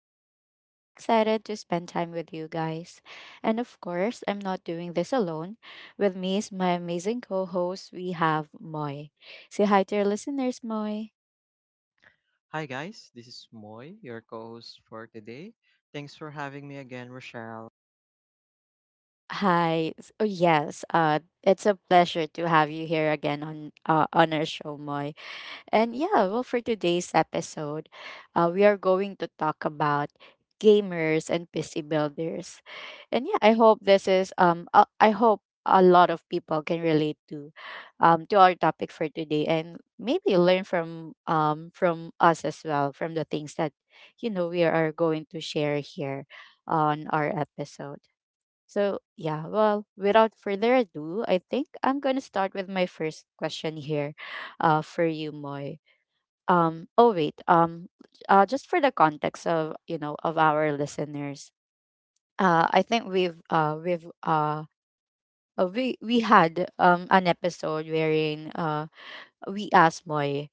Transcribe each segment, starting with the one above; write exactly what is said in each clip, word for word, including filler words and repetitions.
Rochelle, and I'm so excited to spend time with you guys. And of course, I'm not doing this alone. With me is my amazing co host, we have Moy. Say hi to your listeners, Moy. Hi, guys. This is Moy, your co host for today. Thanks for having me again, Rochelle. Hi. S- Oh, yes, uh, it's a pleasure to have you here again on, uh, on our show, Moy. And yeah, well, for today's episode, uh, we are going to talk about gamers and P C builders. And yeah, I hope this is um uh, I hope a lot of people can relate to um to our topic for today and maybe learn from um from us as well from the things that you know we are going to share here on our episode. So, yeah, well, without further ado, I think I'm going to start with my first question here uh for you, Moy. Um oh wait um uh Just for the context of you know of our listeners, uh I think we've uh we've uh uh, we we had um an episode wherein uh we asked Moy,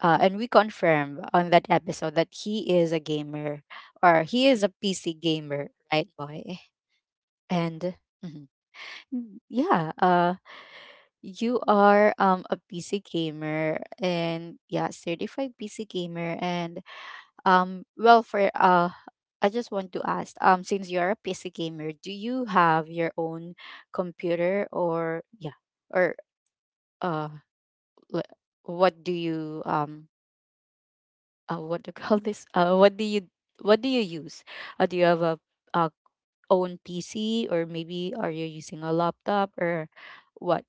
uh, and we confirmed on that episode that he is a gamer, or he is a P C gamer, right, Moy? And mhm. Mm, yeah, uh, you are um a P C gamer and yeah, certified P C gamer. And Um, well, for uh, I just want to ask, um, since you're a P C gamer, do you have your own computer? Or yeah, or uh, le- what do you um, uh, what do you call this? Uh, what do you what do you use? Uh, do you have a, a own P C, or maybe are you using a laptop or what?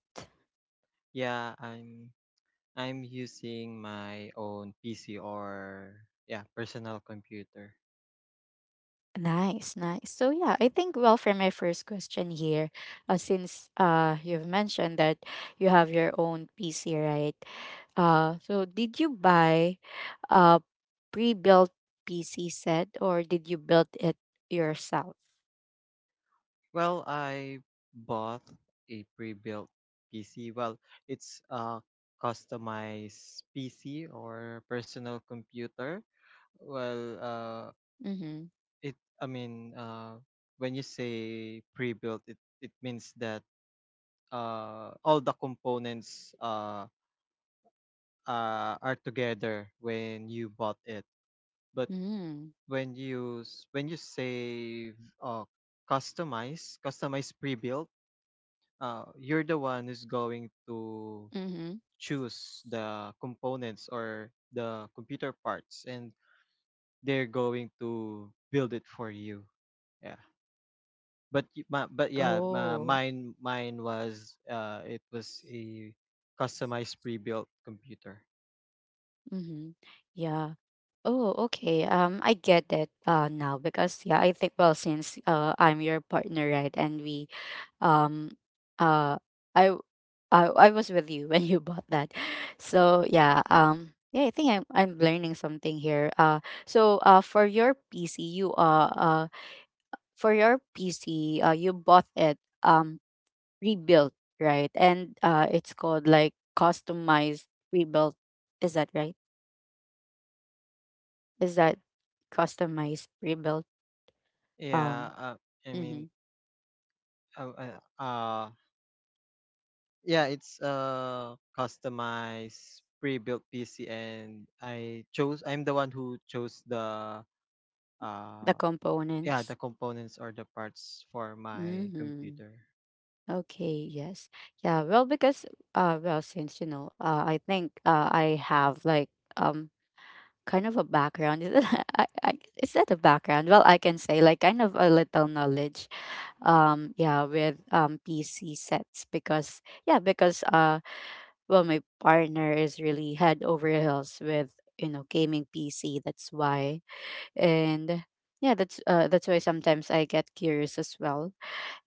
Yeah, I'm I'm using my own P C or yeah, personal computer. Nice, nice. So yeah, I think well for my first question here, uh, since uh you've mentioned that you have your own P C, right? Uh, so did you buy a pre-built P C set, or did you build it yourself? Well, I bought a pre-built P C. Well, it's a customized P C or personal computer. Well, uh Mm-hmm. it I mean, uh when you say pre-built, it it means that uh, all the components uh, uh, are together when you bought it. But Mm-hmm. when you s- when you say uh, customize, customize pre-built, uh, you're the one who's going to Mm-hmm. choose the components or the computer parts, and they're going to build it for you. Yeah. But y- ma- but yeah, ma- Oh. mine mine was uh, it was a customized pre-built computer. Mm-hmm. Yeah. Oh, okay. Um, I get that uh now because yeah, I think well since uh I'm your partner, right? And we um uh I w- I, I was with you when you bought that. So yeah, um yeah, I think I'm I'm learning something here. Uh so uh for your P C you uh uh For your P C uh you bought it um rebuilt, right? And uh it's called like customized rebuilt. Is that right? Is that customized rebuilt, um Yeah, uh, I mean, mhm, uh, uh, uh, yeah, it's a customized pre-built P C, and I chose. I'm the one who chose the the uh, yeah, the components. components or the parts for my Mhm. computer. Okay, yes. Yeah, well because uh well since you know, uh I think uh I have like um kind of a background. Is it? I, I is that a background? Well, I can say like kind of a little knowledge, um yeah with um P C sets because yeah, because uh well my partner is really head over heels with you know gaming P C, that's why. And yeah, that's uh that's why sometimes I get curious as well,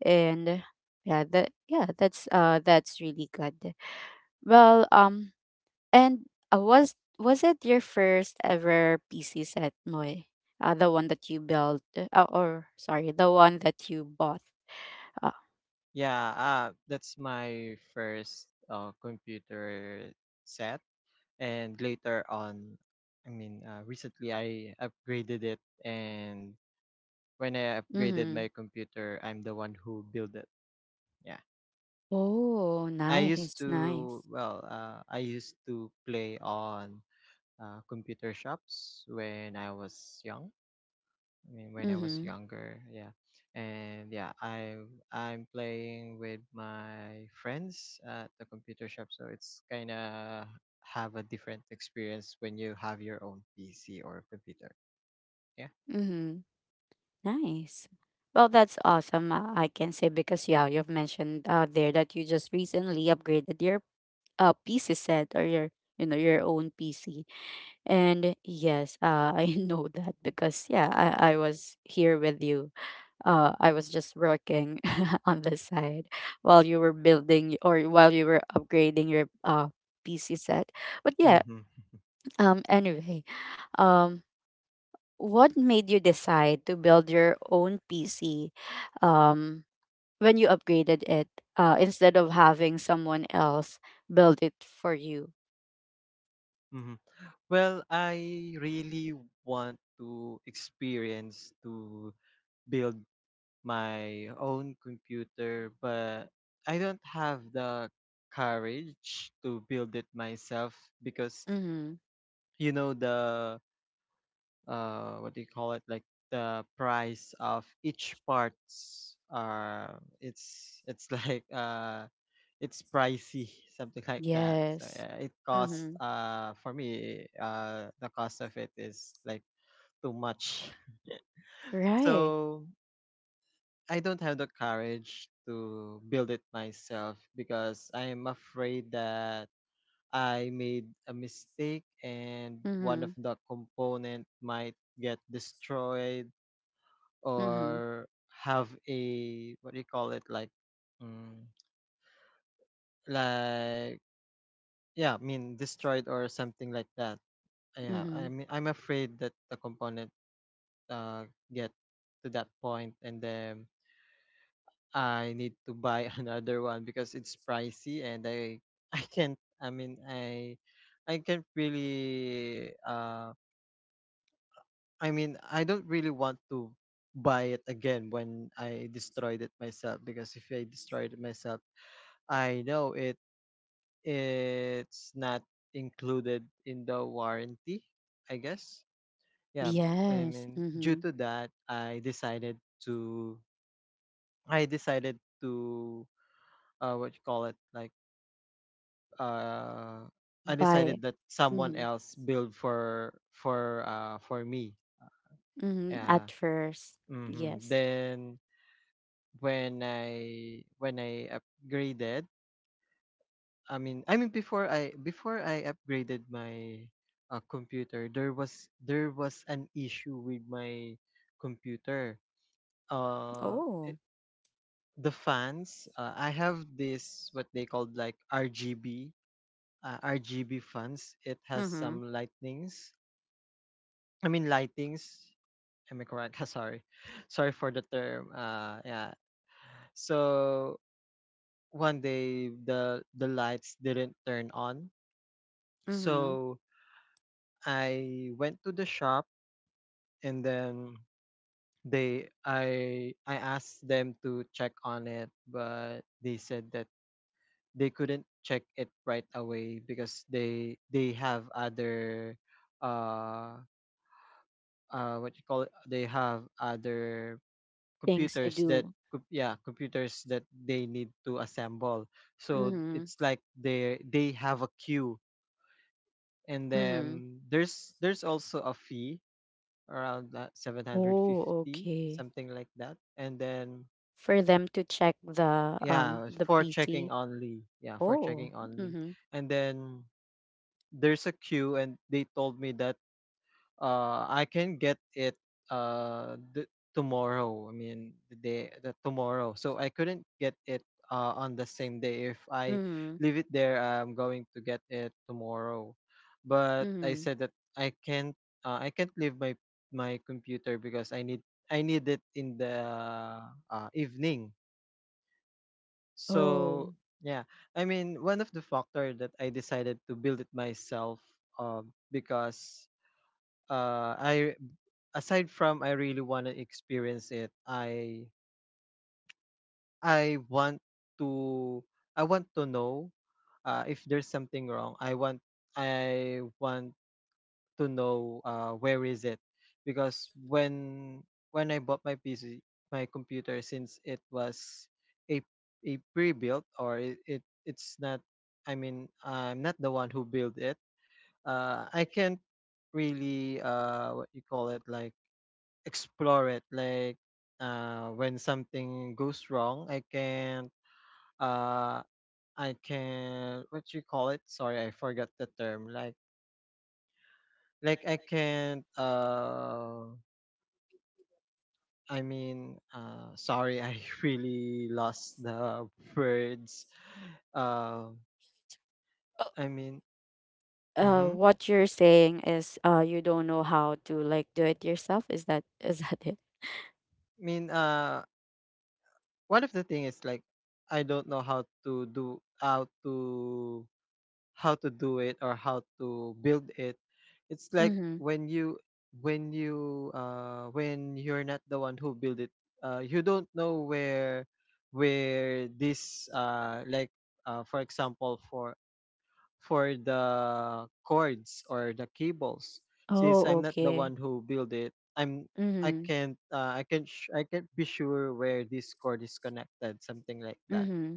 and yeah that yeah that's uh that's really good. Well um and uh, Was was it your first ever PC set, Moy? Uh, the one that you built, uh, or sorry, the one that you bought? uh, Yeah, uh, that's my first uh, computer set, and later on, I mean, uh, recently I upgraded it, and when I upgraded mm-hmm. my computer, I'm the one who built it. Yeah. Oh I used nice, to nice. well, uh, I used to play on uh, computer shops when I was young. I mean, when I was Mm-hmm. younger, yeah, and yeah, I I'm playing with my friends at the computer shop, so it's kind of have a different experience when you have your own P C or computer. Yeah. Mm-hmm. Nice. Well, that's awesome, uh, I can say, because yeah, you've mentioned uh, there that you just recently upgraded your uh, PC set, or your you know your own PC. And yes, uh, I know that because yeah, I, I was here with you. Uh, I was just working on the side while you were building, or while you were upgrading your uh P C set. But yeah, Mm-hmm. um, anyway, um, what made you decide to build your own P C, um, when you upgraded it, uh, instead of having someone else build it for you? Mm-hmm. Well, I really want to experience to build my own computer, but I don't have the courage to build it myself because Mm-hmm. you know the uh what do you call it like the price of each parts are it's it's like uh it's pricey something like that. So Yes. yeah, it costs Mm-hmm. uh for me uh the cost of it is like too much, Right. so I don't have the courage to build it myself because I am afraid that I made a mistake and one of Mhm, the component might get destroyed mhm, or have a what do you call it like mm, like yeah, I mean destroyed or something like that. Yeah, I mhm. mean I'm afraid that the component uh get to that point and then I need to buy another one because it's pricey and I I can't I mean I I can't really uh I mean I don't really want to buy it again when I destroyed it myself, because if I destroyed it myself I know it it's not included in the warranty, I guess. Yeah, I Yes, mean, due mhm. to that, I decided to I decided to uh what you call it like uh, I decided By that someone mhm, else build for for uh for me. mhm. Yeah. At first, hmm yes. Then when I when I upgraded, I mean I mean before I before I upgraded my uh, computer, there was there was an issue with my computer. Uh, it, Oh, the fans. Uh, I have this what they called like R G B uh, R G B fans. It has some mhm, lightnings I mean lightings. Am I correct? Sorry, sorry for the term. Uh, yeah. So one day the the lights didn't turn on. mhm. So I went to the shop, and then they I I asked them to check on it, but they said that they couldn't check it right away because they they have other uh uh what you call it they have other Things to computers that do. co- yeah, computers that they need to assemble, so Mhm, it's like they they have a queue, and mhm. then there's there's also a fee around that Oh, seven hundred fifty okay. something like that, and then For them to check the um yeah, the for checking P C. only, yeah, for Oh, checking only. mhm, And then there's a queue, and they told me that Uh, I can get it uh the, tomorrow. I mean the day, the tomorrow. So I couldn't get it uh on the same day. If I mhm, leave it there, I'm going to get it tomorrow. But I mhm. said that I can't uh, I can't leave my my computer because I need I need it in the uh, evening. Oh. So yeah, I mean one of the factor that I decided to build it myself, uh, because uh I aside from I really want to experience it, I I want to I want to know uh, if there's something wrong. I want I want to know uh, where is it, because when when I bought my P C my computer, since it was a a pre-built, or it, it it's not, I mean I'm not the one who built it. Uh, I can't really uh, what you call it like explore it, like uh when something goes wrong I can uh I can what you call it sorry I forgot the term like like I can't uh I mean uh sorry I really lost the words. uh Uh, i mean uh, mm-hmm. what you're saying is uh you don't know how to like do it yourself. Is that is that it? I mean uh one of the thing is like I don't know how to do how to how to do it or how to build it. It's like Mhm. when you when you uh when you're not the one who build it, uh you don't know where where this uh like uh for example, for for the cords or the cables. Since Oh, I'm not the okay. one who build it, I'm I Mhm. can't uh, i can't sh- I can't be sure where this cord is connected, something like that. Mm-hmm.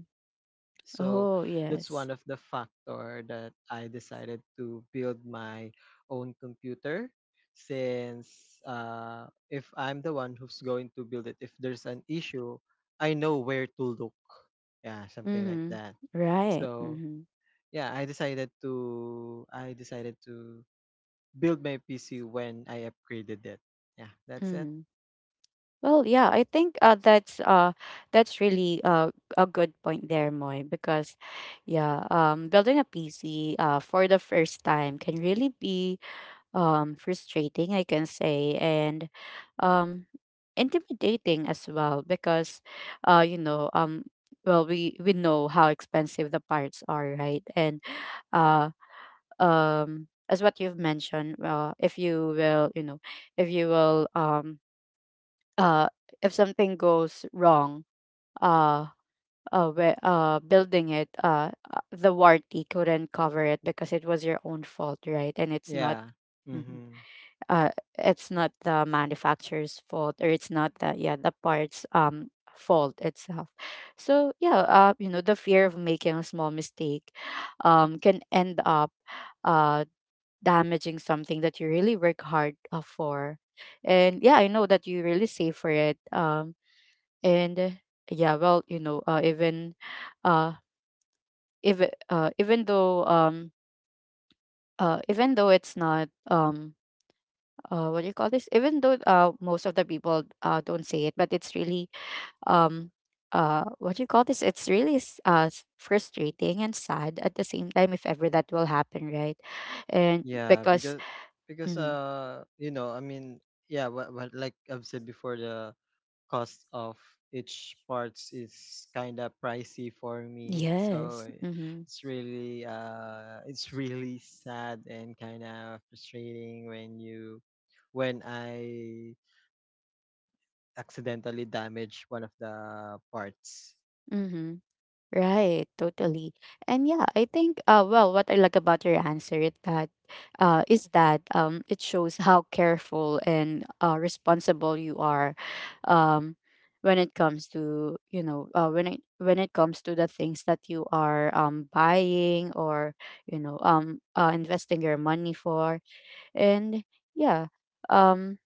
So Oh, that's yes. one of the factor that I decided to build my own computer, since uh, if I'm the one who's going to build it, if there's an issue, I know where to look. Yeah, something like Mm-hmm. that. Right. So Mm-hmm. yeah, I decided to I decided to build my P C when I upgraded it. Yeah, that's it. Mm-hmm. Well, yeah, I think uh, that's uh that's really uh a good point there, Moy, because yeah, um building a P C uh for the first time can really be um frustrating, I can say, and um intimidating as well because uh you know, um well we we know how expensive the parts are, right? And uh um as what you've mentioned, uh, if you will you know if you will, um uh if something goes wrong, uh uh, whe- uh building it, uh uh, the warranty couldn't cover it because it was your own fault, right? And it's not Yeah. Mhm. Mm-hmm. uh it's not the manufacturer's fault, or it's not the yeah the parts um fault itself. So yeah, uh you know, the fear of making a small mistake um can end up uh damaging something that you really work hard uh, for. And yeah, I know that you really save for it. Um, and uh, Yeah, well, you know, uh, even uh, if uh, even though um, uh, even though it's not um, uh, what do you call this? Even though uh, most of the people uh, don't say it, but it's really, um, uh, what do you call this? It's really s- uh, s- frustrating and sad at the same time if ever that will happen, right? And Yeah, because because because mm, uh you know, I mean yeah, what, what like I've said before, the cost of each parts is kind of pricey for me, so yes, i- mhm. it's really uh it's really sad and kind of frustrating when you when I accidentally damage one of the parts. Mm-hmm. Right, totally. And yeah, I think uh well what I like about your answer is that uh is that um it shows how careful and uh responsible you are um when it comes to you know uh when it when it comes to the things that you are um buying, or you know um uh, investing your money for. And yeah, um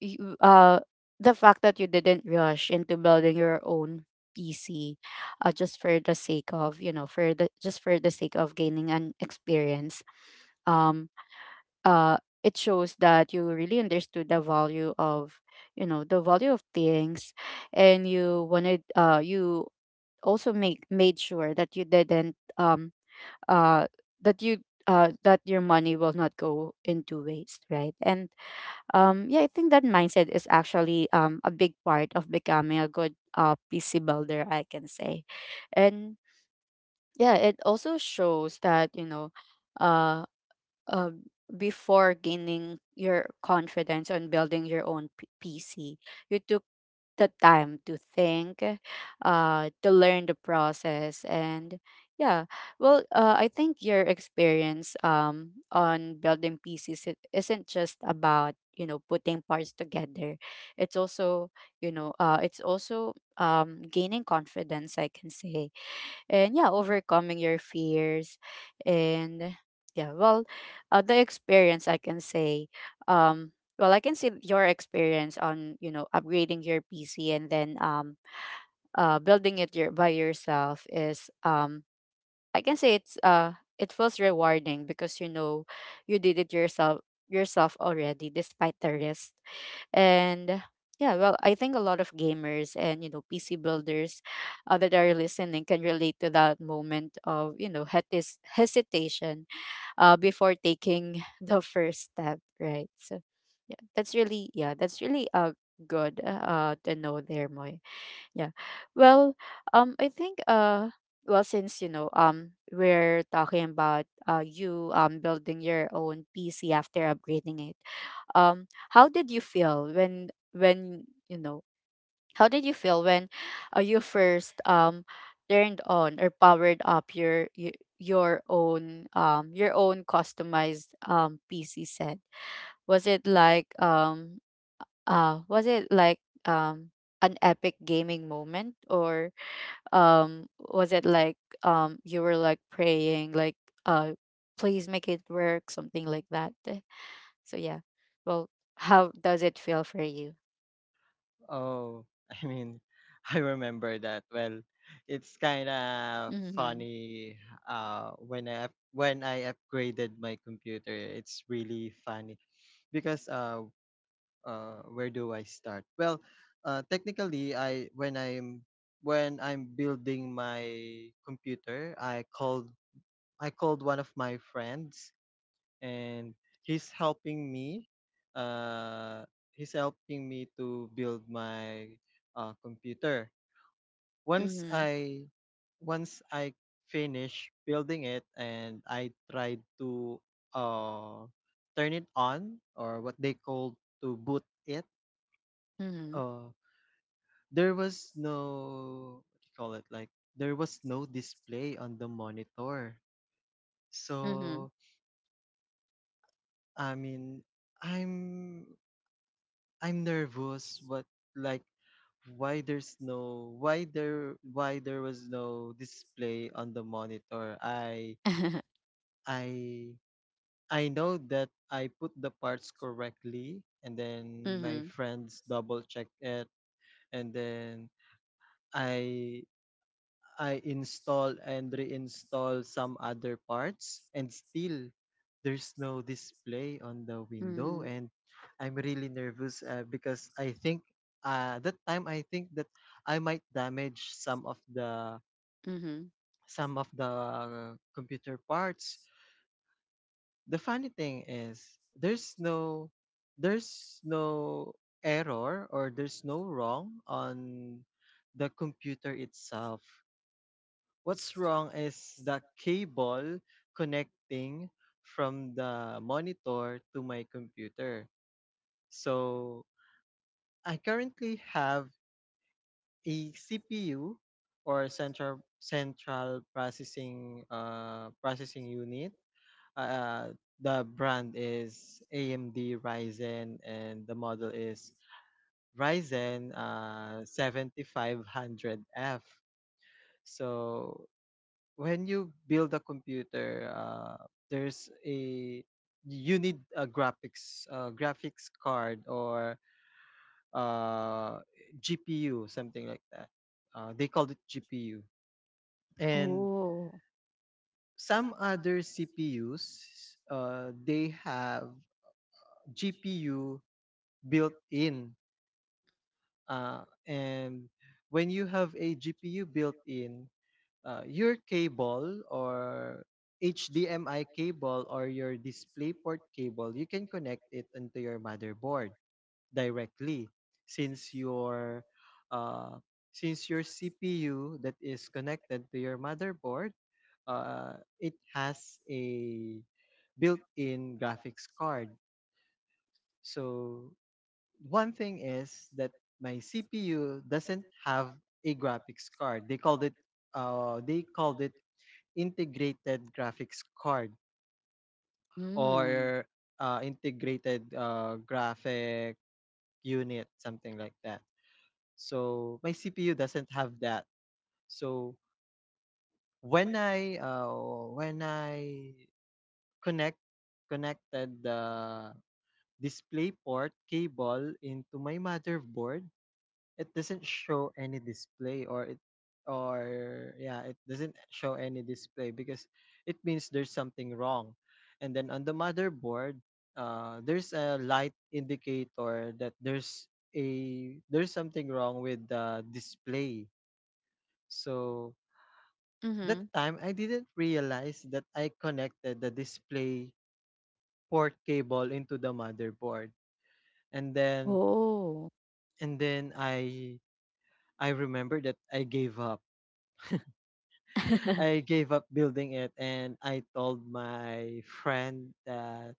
you, uh, the fact that you didn't rush into building your own P C, uh, just for the sake of you know, for the just for the sake of gaining an experience. Um, uh, it shows that you really understood the value of you know, the value of things, and you wanted uh you also make made sure that you didn't um uh that you uh that your money will not go into waste, right? And um, yeah, I think that mindset is actually um, a big part of becoming a good, uh, P C builder, I can say. And yeah, it also shows that, you know, uh uh, before gaining your confidence on building your own P- PC, you took the time to think, uh, to learn the process, and yeah, well, uh, I think your experience um on building P Cs, it isn't just about you know putting parts together. It's also you know uh it's also um gaining confidence. I can say, and yeah, overcoming your fears. And yeah, well, uh, the experience I can say, um, well, I can see your experience on you know upgrading your P C and then, um, uh, building it your by yourself is um I can say it's uh it feels rewarding because you know you did it yourself yourself already, despite the risk. And yeah, well, I think a lot of gamers and you know P C builders, uh, that are listening can relate to that moment of you know het- this hesitation, uh, before taking the first step, right? So yeah, that's really yeah, that's really uh good uh to know there, Moy. Yeah. Well, um, I think uh, well, since you know, um, we're talking about, uh, you um building your own P C after upgrading it. Um, how did you feel when when you know? How did you feel when, uh, you first um turned on or powered up your y- your own um your own customized um P C set? Was it like um uh was it like um an epic gaming moment, or um was it like um you were like praying like, uh please make it work, something like that? Eh, so yeah, well how does it feel for you? Oh, I mean, I remember that. Well, it's kind of Mhm, funny uh when I up- when I upgraded my computer. It's really funny because uh uh where do I start? Well, uh, technically, I when I'm when I'm building my computer, I called I called one of my friends, and he's helping me uh he's helping me to build my uh, computer. once mhm, i Once I finish building it and I tried to uh turn it on, or what they call, to boot it, mhm, uh there was no what do you call it like there was no display on the monitor. mhm, So i mean i'm I'm nervous, but like, why there's no, why there why there was no display on the monitor. I I I know that I put the parts correctly, and then my mhm, friends double check it, and then I I install and reinstall some other parts, and still there's no display on the mhm, window. mhm. And I'm really nervous, uh, because I think uh, that time I think that I might damage some of the some of the computer parts. The funny thing is there's no there's no error, or there's no wrong on the computer itself. What's wrong is the cable connecting from the monitor to my computer. So I currently have a C P U, or central central processing uh, processing unit. Uh, the brand is A M D Ryzen, and the model is Ryzen uh, seventy-five hundred f. So when you build a computer, uh, there's a you need a graphics uh, graphics card, or uh, G P U, something like that. Uh, they called it G P U. And Oh. some other C P Us, uh, they have G P U built in. Uh, and When you have a G P U built in, uh, your cable, or H D M I cable, or your DisplayPort cable, you can connect it into your motherboard directly, since your uh, since your C P U that is connected to your motherboard, uh, it has a built-in graphics card. So one thing is that my C P U doesn't have a graphics card. They called it uh, they called it integrated graphics card, Mm. or uh, integrated uh, graphic unit, something like that. So my C P U doesn't have that. So when I uh, when I connect connected the display port cable into my motherboard, it doesn't show any display, or it or yeah, it doesn't show any display because it means there's something wrong. And then on the motherboard, uh, there's a light indicator that there's a there's something wrong with the display. So that Mhm. time I didn't realize that I connected the display port cable into the motherboard. And then Oh. and then i I remember that i gave up I gave up building it, and I told my friend that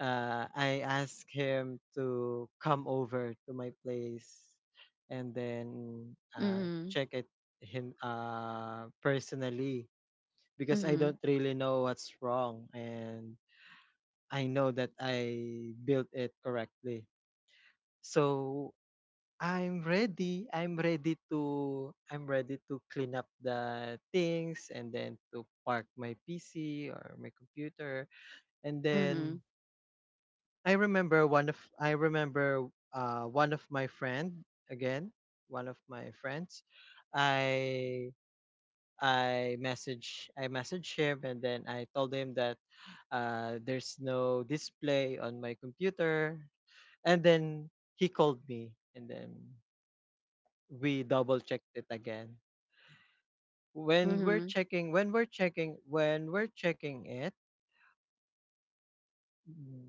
uh, I asked him to come over to my place and then uh, Mhm, check it him uh, personally, because I don't mhm, really know what's wrong, and I know that I built it correctly. So I'm ready. I'm ready to I'm ready to clean up the things and then to park my P C or my computer. And then mhm, I remember one of I remember uh one of my friend again, one of my friends. I I message I message him and then I told him that uh there's no display on my computer and then he called me and then we double checked it again. When we're mhm, checking, when we're checking, When we're checking it,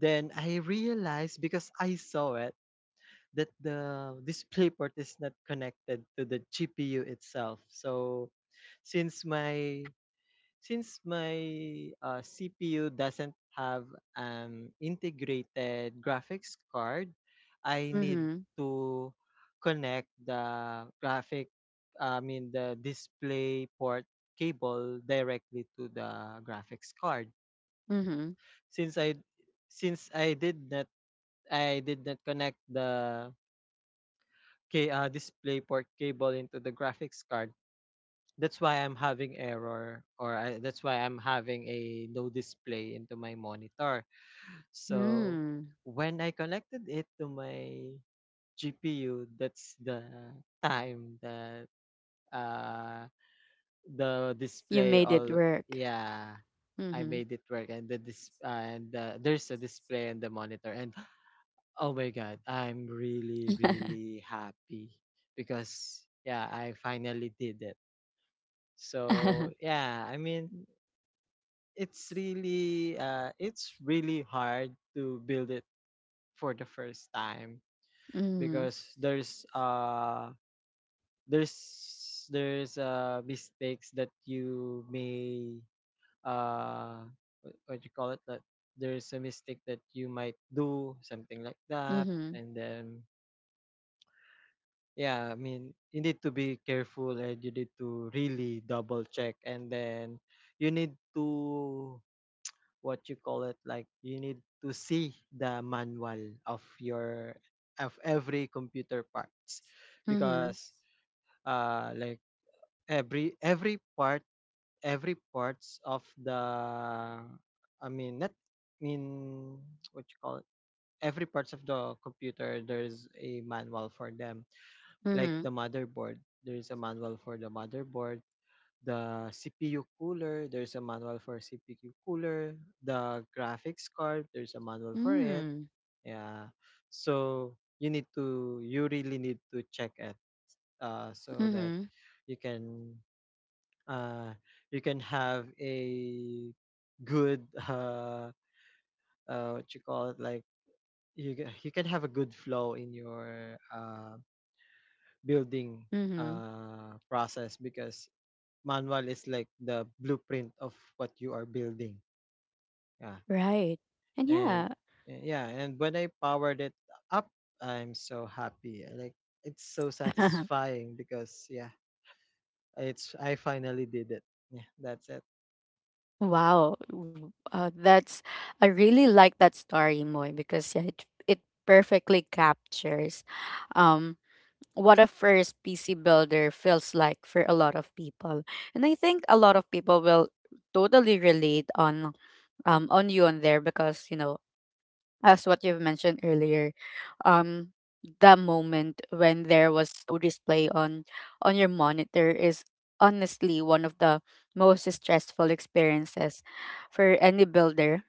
then I realized because I saw it that the display port is not connected to the G P U itself. So since my Since my uh, C P U doesn't have an integrated graphics card, I need mhm, to connect the graphic, I mean the display port cable directly to the graphics card. mhm, Since I since I did not I did not connect the K, uh, display port cable into the graphics card. That's why I'm having error or I, that's why I'm having a no display into my monitor. So mhm. when I connected it to my G P U, that's the time that uh the You display made it all work. yeah, I Mhm. made it work and the dis and uh, there's a display on the monitor. And oh my god, I'm really, Mhm. really happy because yeah, I finally did it. So yeah, I mean it's really uh it's really hard to build it for the first time because there's uh there's there's uh mistakes that you may uh what, what you call it, that there's a mistake that you might do something like that. Mhm. And then yeah, I mean you need to be careful and you need to really double check. And then you need to, what you call it, like you need to see the manual of your, of every computer parts Mhm. because uh like every every part every parts of the, I mean not, I mean what you call it, every parts of the computer there's a manual for them. Like the Mhm. motherboard, there's a manual for the motherboard. The C P U cooler, there's a manual for C P U cooler. The graphics card, there's a manual for it. Mm. Yeah, so you need to you really need to check it, uh, so that Mhm. you can uh, you can have a good uh, uh, what you call it, like you ca- you can have a good flow in your uh, building Mhm. uh, process, because manual is like the blueprint of what you are building. Yeah. Right. And And yeah. uh, yeah, and when I powered it up, I'm so happy. Like it's so satisfying because yeah, it's, I finally did it. Yeah, that's it. Wow. W- Uh, that's I really like that story, Moy, because yeah, it it perfectly captures um what a first P C builder feels like for a lot of people. And I think a lot of people will totally relate on um on you on there because you know as what you've mentioned earlier, um, the moment when there was no display on on your monitor is honestly one of the most stressful experiences for any builder,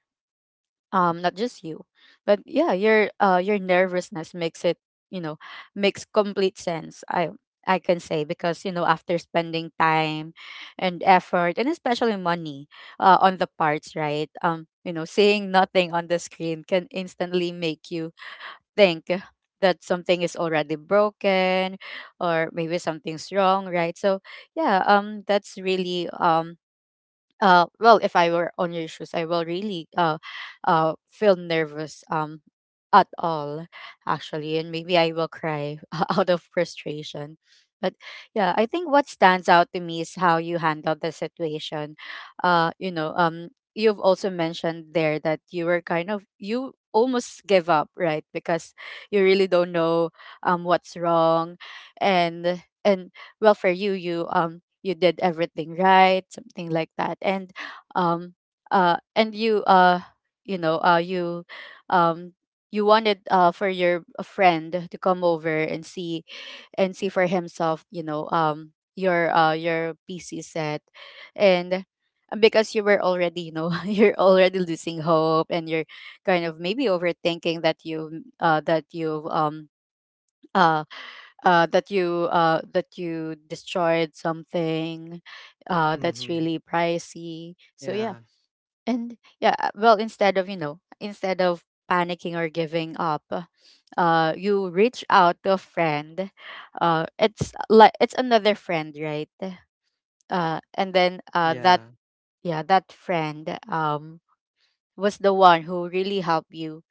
um not just you. But yeah, your uh your nervousness makes it, you know makes complete sense. I i can say because, you know after spending time and effort and especially money uh, on the parts, right? Um you know, seeing nothing on the screen can instantly make you think that something is already broken or maybe something's wrong, right? So yeah, um that's really um uh well, if I were on your shoes, I will really uh uh feel nervous um at all, actually. And maybe I will cry out of frustration. But yeah, I think what stands out to me is how you handled the situation. uh you know um you've also mentioned there that you were kind of you almost give up, right? Because you really don't know um what's wrong. And and well, for you you um you did everything right, something like that. and um uh and you uh you know uh you um you wanted uh for your uh, friend to come over and see, and see for himself, you know um your uh your pc set. And uh, because you were already, you know you're already losing hope and you're kind of maybe overthinking that you uh that you've um uh uh, that you uh, that you destroyed something uh, that's Mm-hmm. really pricey. So yeah, Yeah. and yeah, uh, well, instead of, you know, instead of panicking or giving up, uh, you reach out to a friend. Uh, it's like it's another friend, right? Uh, and then uh, that Yeah. yeah, that friend um was the one who really helped you.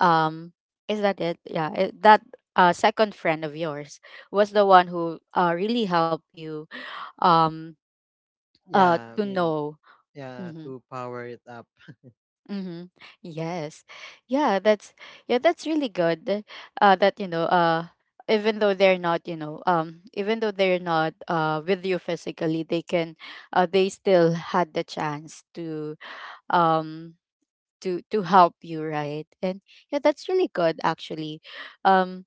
um is that it? Yeah, it, that uh second friend of yours was the one who uh really helped you um uh Yeah. I to mean, know. yeah, Mm-hmm, to power it up. mm-hmm. Yes, yeah, that's yeah, that's really good uh that, you know uh even though they're not, you know um even though they're not uh with you physically, they can uh they still had the chance to um to to help you, right? And yeah, that's really good, actually. um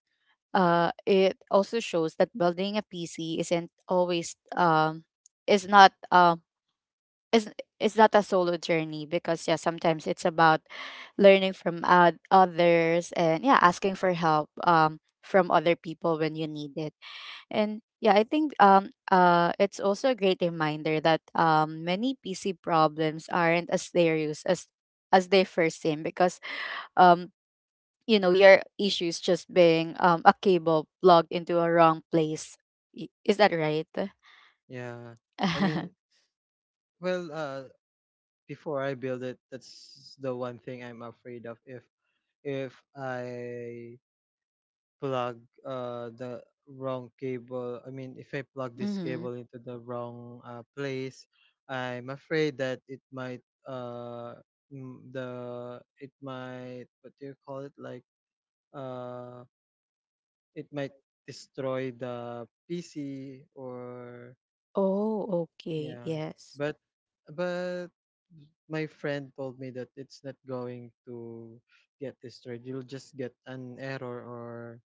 uh, it also shows that building a P C isn't always um is not um is is not a solo journey, because yeah, sometimes it's about learning from, uh, others, and yeah, asking for help um from other people when you need it. And yeah, I think, um uh it's also a great reminder that um many P C problems aren't as serious as as they first seem, because um you know your issues just being um, a cable plugged into a wrong place. I- is that right? Yeah. I mean, well, uh, before I build it, that's the one thing I'm afraid of. If if I plug uh the wrong cable, I mean, if I plug this Mm-hmm. cable into the wrong uh, place, I'm afraid that it might uh mm, the it might, what do you call it, like uh it might destroy the P C or Oh, okay. yeah. Yes, But but my friend told me that it's not going to get destroyed. You'll just get an error, or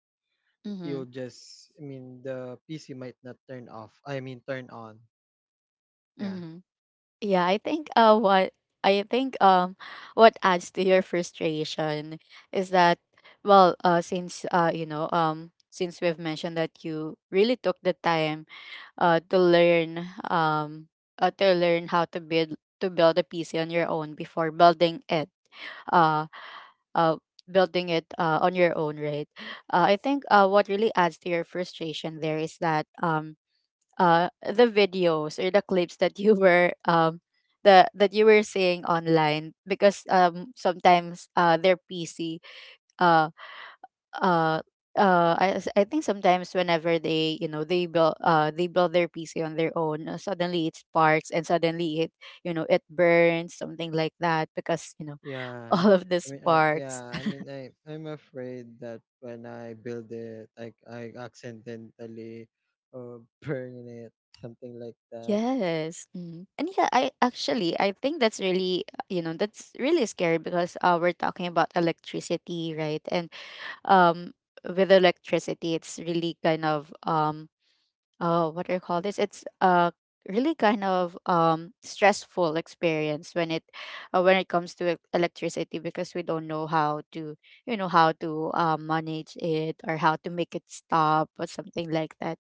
mm-hmm. you'll just, I mean the P C might not turn off, I mean turn on. Yeah. Mm-hmm. Yeah, I think uh what I think um what adds to your frustration is that, well, uh since, uh you know um since we've mentioned that you really took the time uh, to learn um uh, to learn how to build to build a P C on your own before building it, uh uh building it uh, on your own, right? uh, I think uh, What really adds to your frustration there is that, um uh the videos or the clips that you were um the that you were seeing online, because um sometimes, uh their PC, uh uh I, s- I think sometimes whenever they, you know they build uh they build their P C on their own, uh, suddenly it sparks and suddenly it, you know it burns, something like that, because, you know Yeah. all of the I mean I sparks. yeah, I mean I I'm afraid that when I build it I I accidentally uh, burn it, something like that. Yes, mm. And yeah, I actually I think that's really, uh, you know that's really scary, because uh we're talking about electricity, right? And um with electricity, it's really kind of um oh, what do you call this? It's a really kind of um stressful experience when it uh, when it comes to e- electricity, because we don't know how to, you know how to uh, manage it or how to make it stop or something like that.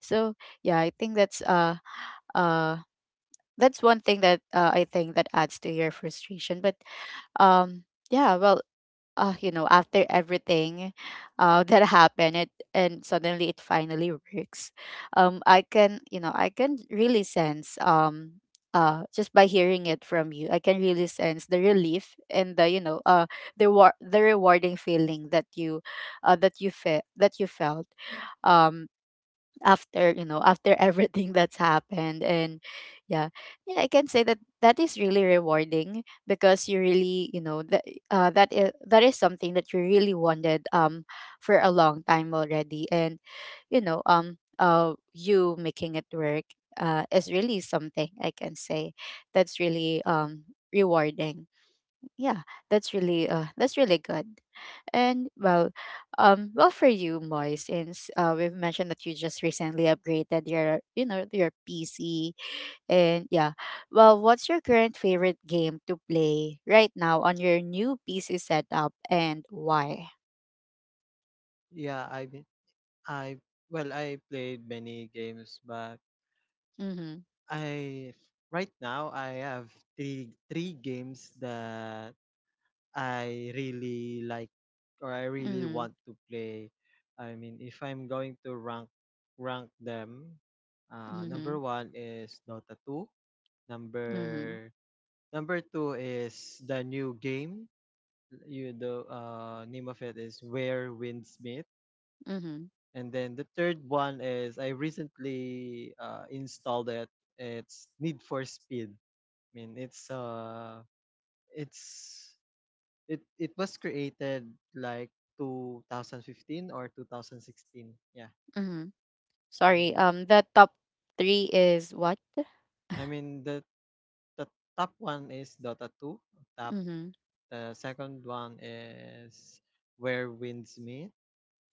So yeah, I think that's uh uh that's one thing that, uh, I think that adds to your frustration. But um yeah, well, uh, you know, after everything uh, that happened, it and suddenly it finally works. Um, I can, you know, I can really sense. Um, uh, just by hearing it from you, I can really sense the relief and the, you know, uh, the war- the rewarding feeling that you, uh, that you felt that you felt. Um, After, you know after everything that's happened. And yeah, yeah, I can say that that is really rewarding, because you really, you know that uh, that is, that is something that you really wanted um for a long time already. And, you know um uh you making it work uh is really something, I can say, that's really um rewarding. Yeah, that's really uh that's really good. And well, um well, for you, Moy, since, uh we've mentioned that you just recently upgraded your, you know your PC. And yeah, well, what's your current favorite game to play right now on your new PC setup, and why? Yeah, I mean I, well I played many games, but Mm-hmm. I right now I have three three games that I really like or I really Mm-hmm. want to play. I mean, if I'm going to rank rank them, uh, number Mm-hmm. one is Dota two. Mm-hmm. Number number two is the new game. You, the uh, name of it is Where Windsmith. Mm-hmm. And then the third one is, I recently uh, installed it. It's Need for Speed. I mean, it's uh, it's it it was created like twenty fifteen or two thousand sixteen. Yeah, Hmm. I Sorry, mean, um the top three is what? I mean the the top one is Dota two. Top Mm-hmm. the second one is Where Winds Meet,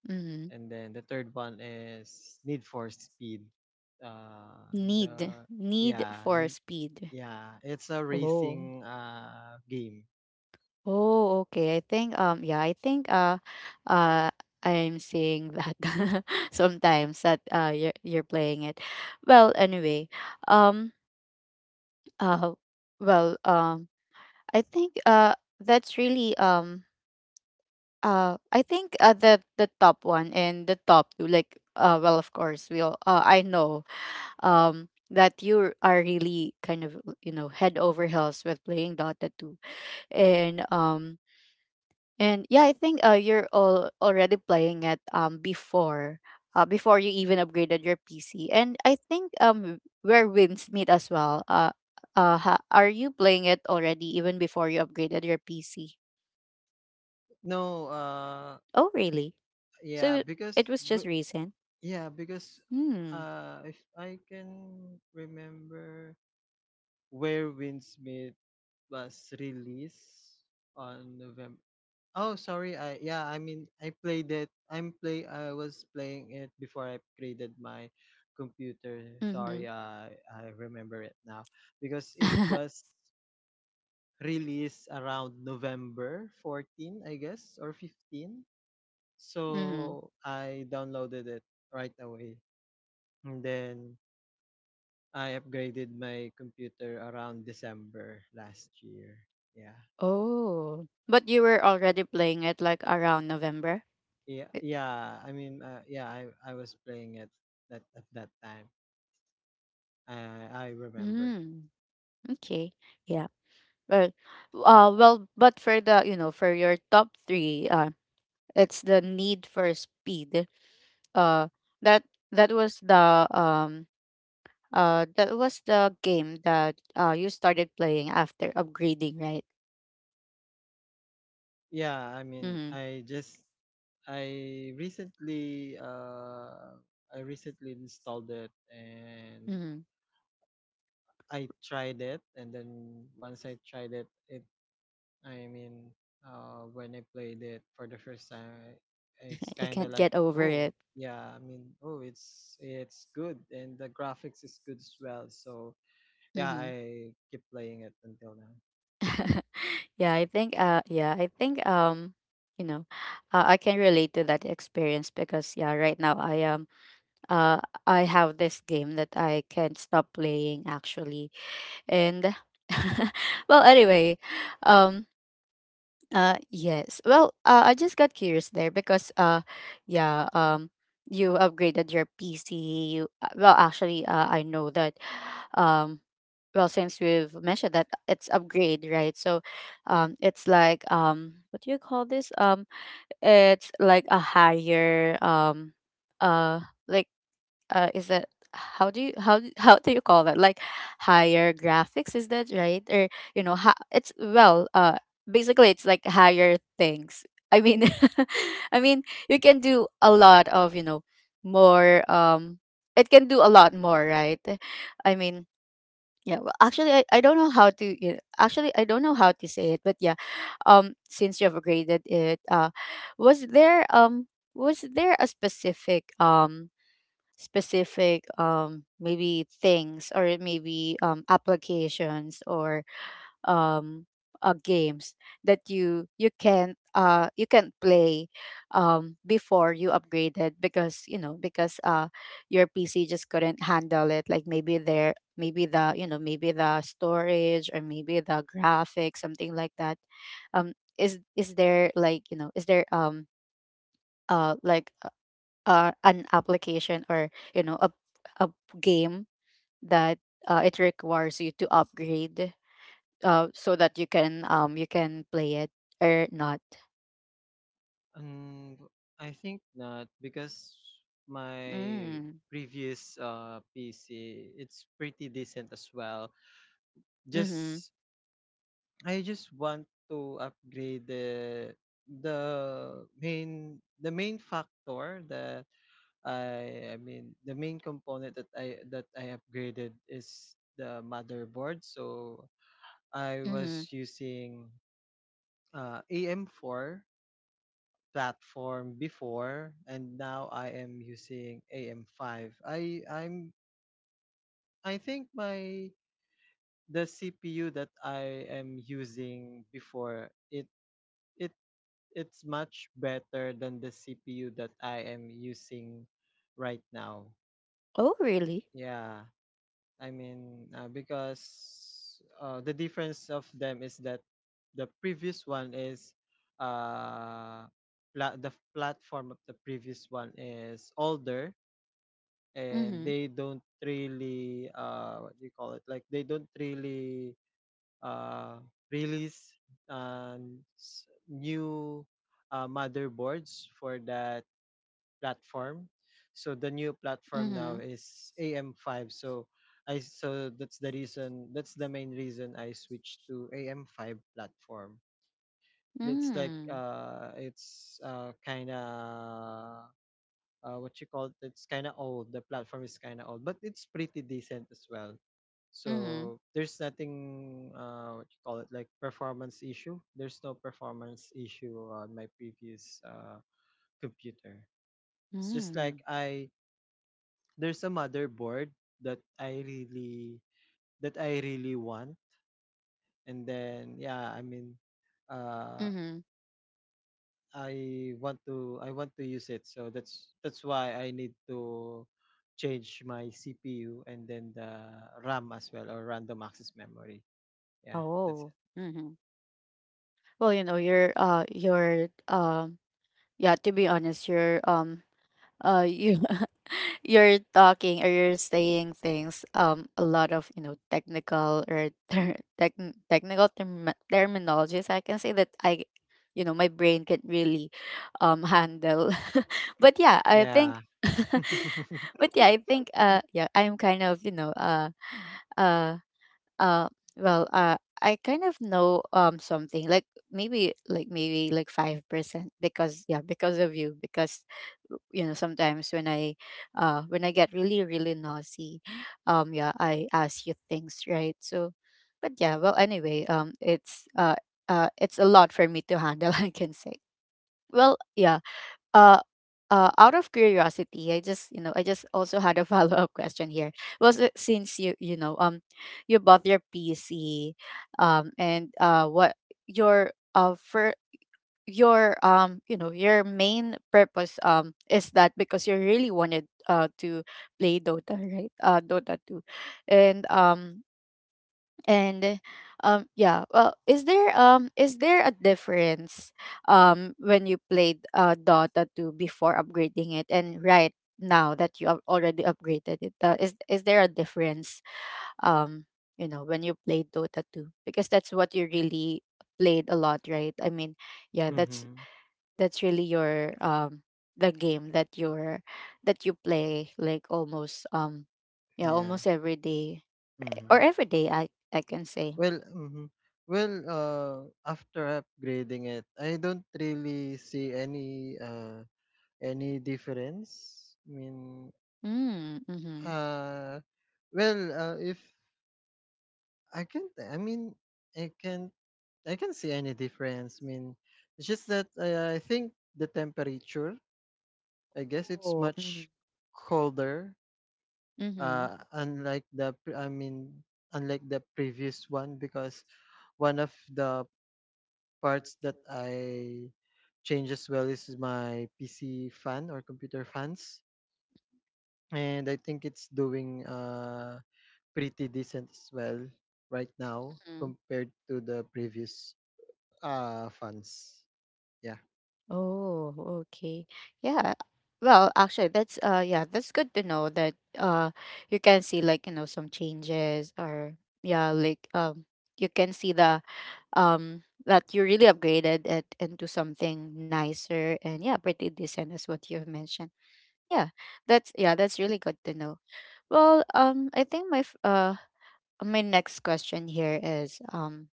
Mm-hmm. and then the third one is Need for Speed. Uh, need the Need yeah, for Speed? yeah, it's a Oh. racing uh game. Oh, okay. I think, um, yeah, I think, uh, uh, I'm seeing that sometimes that, uh, you're, you're playing it. Well, anyway, um, uh, well, um, I think, uh, that's really, um, uh, I think, uh, the, the top one and the top two, like, uh, well, of course, we all, uh, I know, um, that you are really kind of, you know, head over heels with playing Dota two. And, um, And yeah, I think, uh, you're all already playing it um before, uh, before you even upgraded your P C. And I think, um Where wins meet as well. Uh uh ha- are you playing it already even before you upgraded your P C? No, uh Oh, really? yeah, So because it was just w- recent? yeah, because Hmm. uh, if I can remember, Where Windsmith was released on November. Oh, sorry. I, yeah. I mean, I played it. I'm play. I was playing it before I upgraded my computer. Sorry. Mhm. I I remember it now because it was released around November fourteenth, I guess, or fifteen. Mhm. So I downloaded it right away, and then I upgraded my computer around December last year. Yeah. Oh. But you were already playing it like around November? Yeah, yeah. I mean, uh, yeah, I I was playing it that at that time. I I remember. Mm, okay. Yeah. Well, uh, well, but for the, you know for your top three, uh, it's the Need for Speed. Uh, that that was the um uh that was the game that uh you started playing after upgrading, right? Yeah, I mean, Mm-hmm. I just I recently uh I recently installed it and Mm-hmm. I tried it, and then once I tried it, it, I mean, uh, when I played it for the first time, I- it's You kind of can't like, get over oh, it. yeah, I mean, oh, it's it's good, and the graphics is good as well. So yeah, Mm-hmm. I keep playing it until now. Yeah, I think, uh yeah, I think, um you know uh, I can relate to that experience, because yeah, right now I am uh I have this game that I can't stop playing, actually. And well, anyway, um uh yes, well, uh, I just got curious there because, uh yeah um you upgraded your PC. You uh, Well, actually, uh, I know that, um well, since we've mentioned that it's upgrade, right? So um it's like, um what do you call this, um it's like a higher um uh like uh is that, how do you, how d- how do you call that, like, higher graphics, is that right? Or, you know ha- it's, well, uh basically it's like higher things, I mean, I mean, you can do a lot of, you know more um it can do a lot more, right? I mean, yeah, well, actually, i, I don't know how to you actually I don't know how to say it, but yeah, um since you've graded it, uh was there um was there a specific, um specific um maybe things, or maybe um applications, or um uh, games that you, you can't uh you can't play um before you upgraded, because, you know because uh your PC just couldn't handle it, like, maybe there, maybe the, you know maybe the storage, or maybe the graphics, something like that. Um is is there Like, you know is there, um uh like, uh, an application, or, you know a a game that, uh, it requires you to upgrade, uh, so that you can, um you can play it, or not. Um, I think not because my Mm. previous uh P C, it's pretty decent as well. Mm-hmm. Just I just want to upgrade the the main the main factor the I I mean the main component that I that I upgraded is the motherboard. So I Mm-hmm. was using uh, A M four platform before, and now I am using A M five. I I'm, I think my the C P U that I am using before it, it it's much better than the C P U that I am using right now. Oh really? Yeah. I mean, uh, because uh, the difference of them is that the previous one is uh, pla- the platform of the previous one is older, and Mm-hmm. they don't really, uh, what do you call it? Like they don't really uh, release uh, new uh, motherboards for that platform. So the new platform now Mm-hmm. is A M five. So I so that's the reason, that's the main reason I switched to A M five platform. It's like Mm. uh it's uh kind of, uh what you call it? It's kind of old. The platform is kind of old, but it's pretty decent as well. Mm-hmm. So there's nothing, uh what you call it, like performance issue. There's no performance issue on my previous uh computer. It's just Mm. like I there's a motherboard that I really, that I really want. And then yeah, I mean, uh Mm-hmm. I want to, I want to use it, so that's that's why I need to change my C P U and then the RAM as well, or random access memory. Yeah, that's Oh. it. Mm-hmm. Well, you know, you're uh you're um yeah, to be honest, you're um uh you you're talking, or you're saying things, um a lot of, you know technical, or ter- tech technical term- terminologies, I can say, that I you know my brain can really um handle. But yeah, I think, Yeah. but yeah, I think, uh yeah, I'm kind of, you know uh uh uh, well, uh, I kind of know um something like, maybe like maybe like five percent, because yeah, because of you, because, you know sometimes when I uh when I get really really naughty, um yeah, I ask you things, right? So, but yeah, well, anyway, um it's uh uh it's a lot for me to handle, I can say. Well, yeah, uh, uh, out of curiosity, I just, you know I just also had a follow up question here. Was it since you you know um you bought your P C um and uh what your uh for your um you know your main purpose um is that because you really wanted uh to play Dota, right? uh Dota two. And um and um Yeah, well, is there um is there a difference um when you played uh dota two before upgrading it and right now that you have already upgraded it? uh, is is there a difference um you know, when you played dota two, because that's what you really played a lot, right? I mean, yeah that's Mhm. that's really your um the game that you're that you play like almost um yeah, Yeah. almost every day, or Mhm. every day, i I can say. Well, mhm. Well, uh after upgrading it, I don't really see any uh any difference? I mean, Hmm, mhm. uh, well, uh, if I can't, I mean, I can't, I can see any difference. I mean, it's just that uh, I think the temperature, I guess, it's Oh, mhm, much colder, mhm, uh, unlike the, pre- I mean, unlike the previous one, because one of the parts that I change as well is my P C fan or computer fans. And I think it's doing uh pretty decent as well right now mhm. compared to the previous uh funds. Yeah. Oh, okay. Yeah. Well, actually, that's uh, yeah, that's good to know that uh, you can see like you know some changes. Or yeah, like, um, you can see the um that you really upgraded it into something nicer and, yeah, pretty decent as what you have mentioned. Yeah, that's yeah, that's really good to know. Well, um, I think my f- uh, my next question here is um.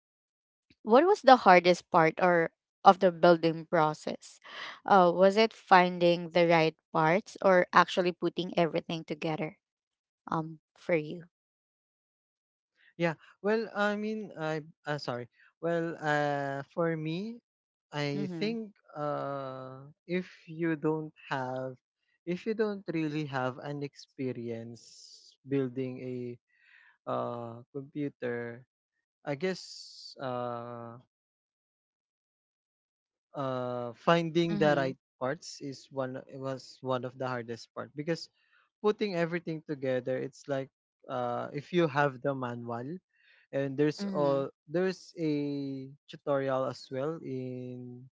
what was the hardest part or of the building process? Uh, was it finding the right parts or actually putting everything together um for you? Yeah. Well, I mean, I uh, sorry. Well, uh for me, I Mhm. think uh if you don't have if you don't really have an experience building a uh computer, I guess uh uh finding the Mhm. right parts is one was one of the hardest part, because putting everything together, it's like, uh, if you have the manual and there's Mhm. all there's a tutorial as well in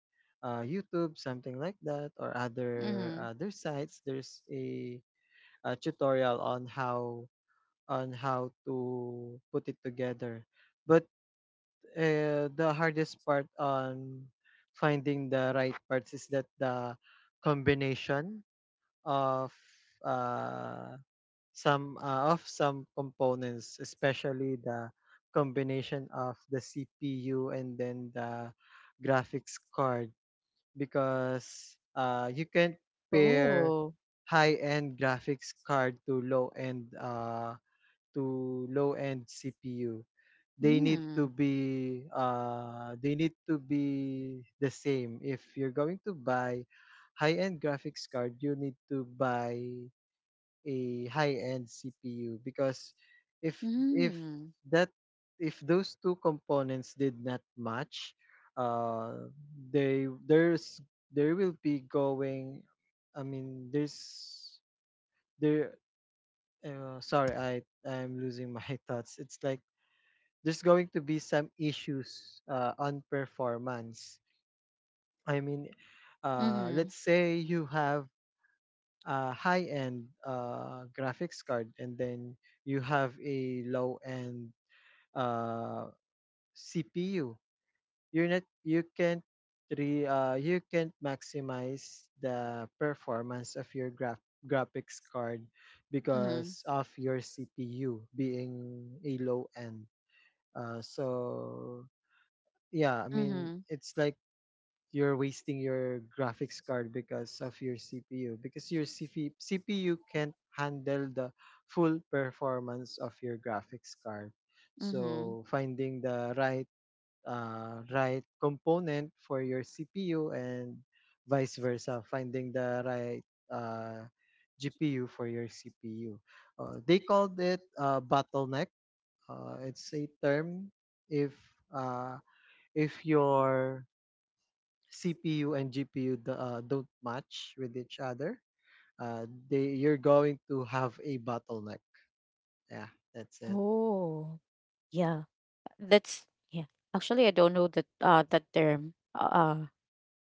uh, YouTube, something like that, or other Mhm. other sites. There's a, a tutorial on how on how to put it together. But uh, the hardest part on finding the right parts is that the combination of uh, some uh, of some components, especially the combination of the C P U and then the graphics card, because uh, you can pair Oh. high-end graphics card to low-end uh, to low-end C P U. They need to Mm. be uh, they need to be the same. If you're going to buy high-end graphics card, you need to buy a high-end C P U, because if if Mhm. that if those two components did not match, uh, they there's there will be going. I mean, there's, there. Uh, sorry, I I'm losing my thoughts. It's like there's going to be some issues uh, on performance. I mean, uh, Mhm. let's say you have uh, high-end uh, graphics card, and then you have a low-end uh, C P U. You're not you can't re, uh, you can't maximize the performance of your graph graphics card Mhm. because of your C P U being a low end. Uh, so yeah, I mean Mhm. it's like you're wasting your graphics card because of your C P U, because your C P, C P U can't handle the full performance of your graphics card. Mhm. So finding the right uh, right component for your C P U, and vice versa, finding the right uh, G P U for your C P U. Uh, they called it uh, bottleneck. Uh, it's a term if, uh, if your C P U and G P U d uh, don't match with each other, uh, they you're going to have a bottleneck. Yeah, that's it. Oh. Yeah. That's yeah. Actually, I don't know that uh that term. Uh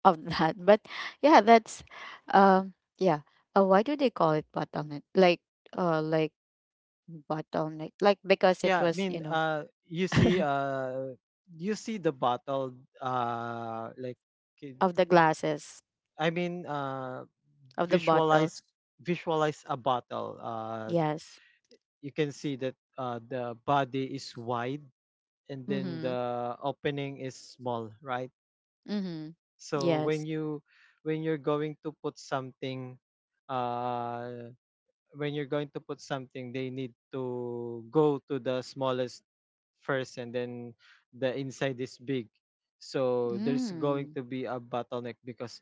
of that. But yeah, that's um yeah. Uh, why do they call it bottleneck? Like uh like bottleneck. Like, because it Yeah, I was, you mean, know, uh, you see, uh, you see the bottle, uh, like, ki- of the glasses, I mean, uh, of the bottles. visualize visualize a bottle. Uh, Yes. you can see that uh, the body is wide and then Mhm. the opening is small, right? Mhm. So when Yes. you when you're going to put something uh when you're going to put something they need to go to the smallest first, and then the inside is big. So there's going Mm. to be a bottleneck because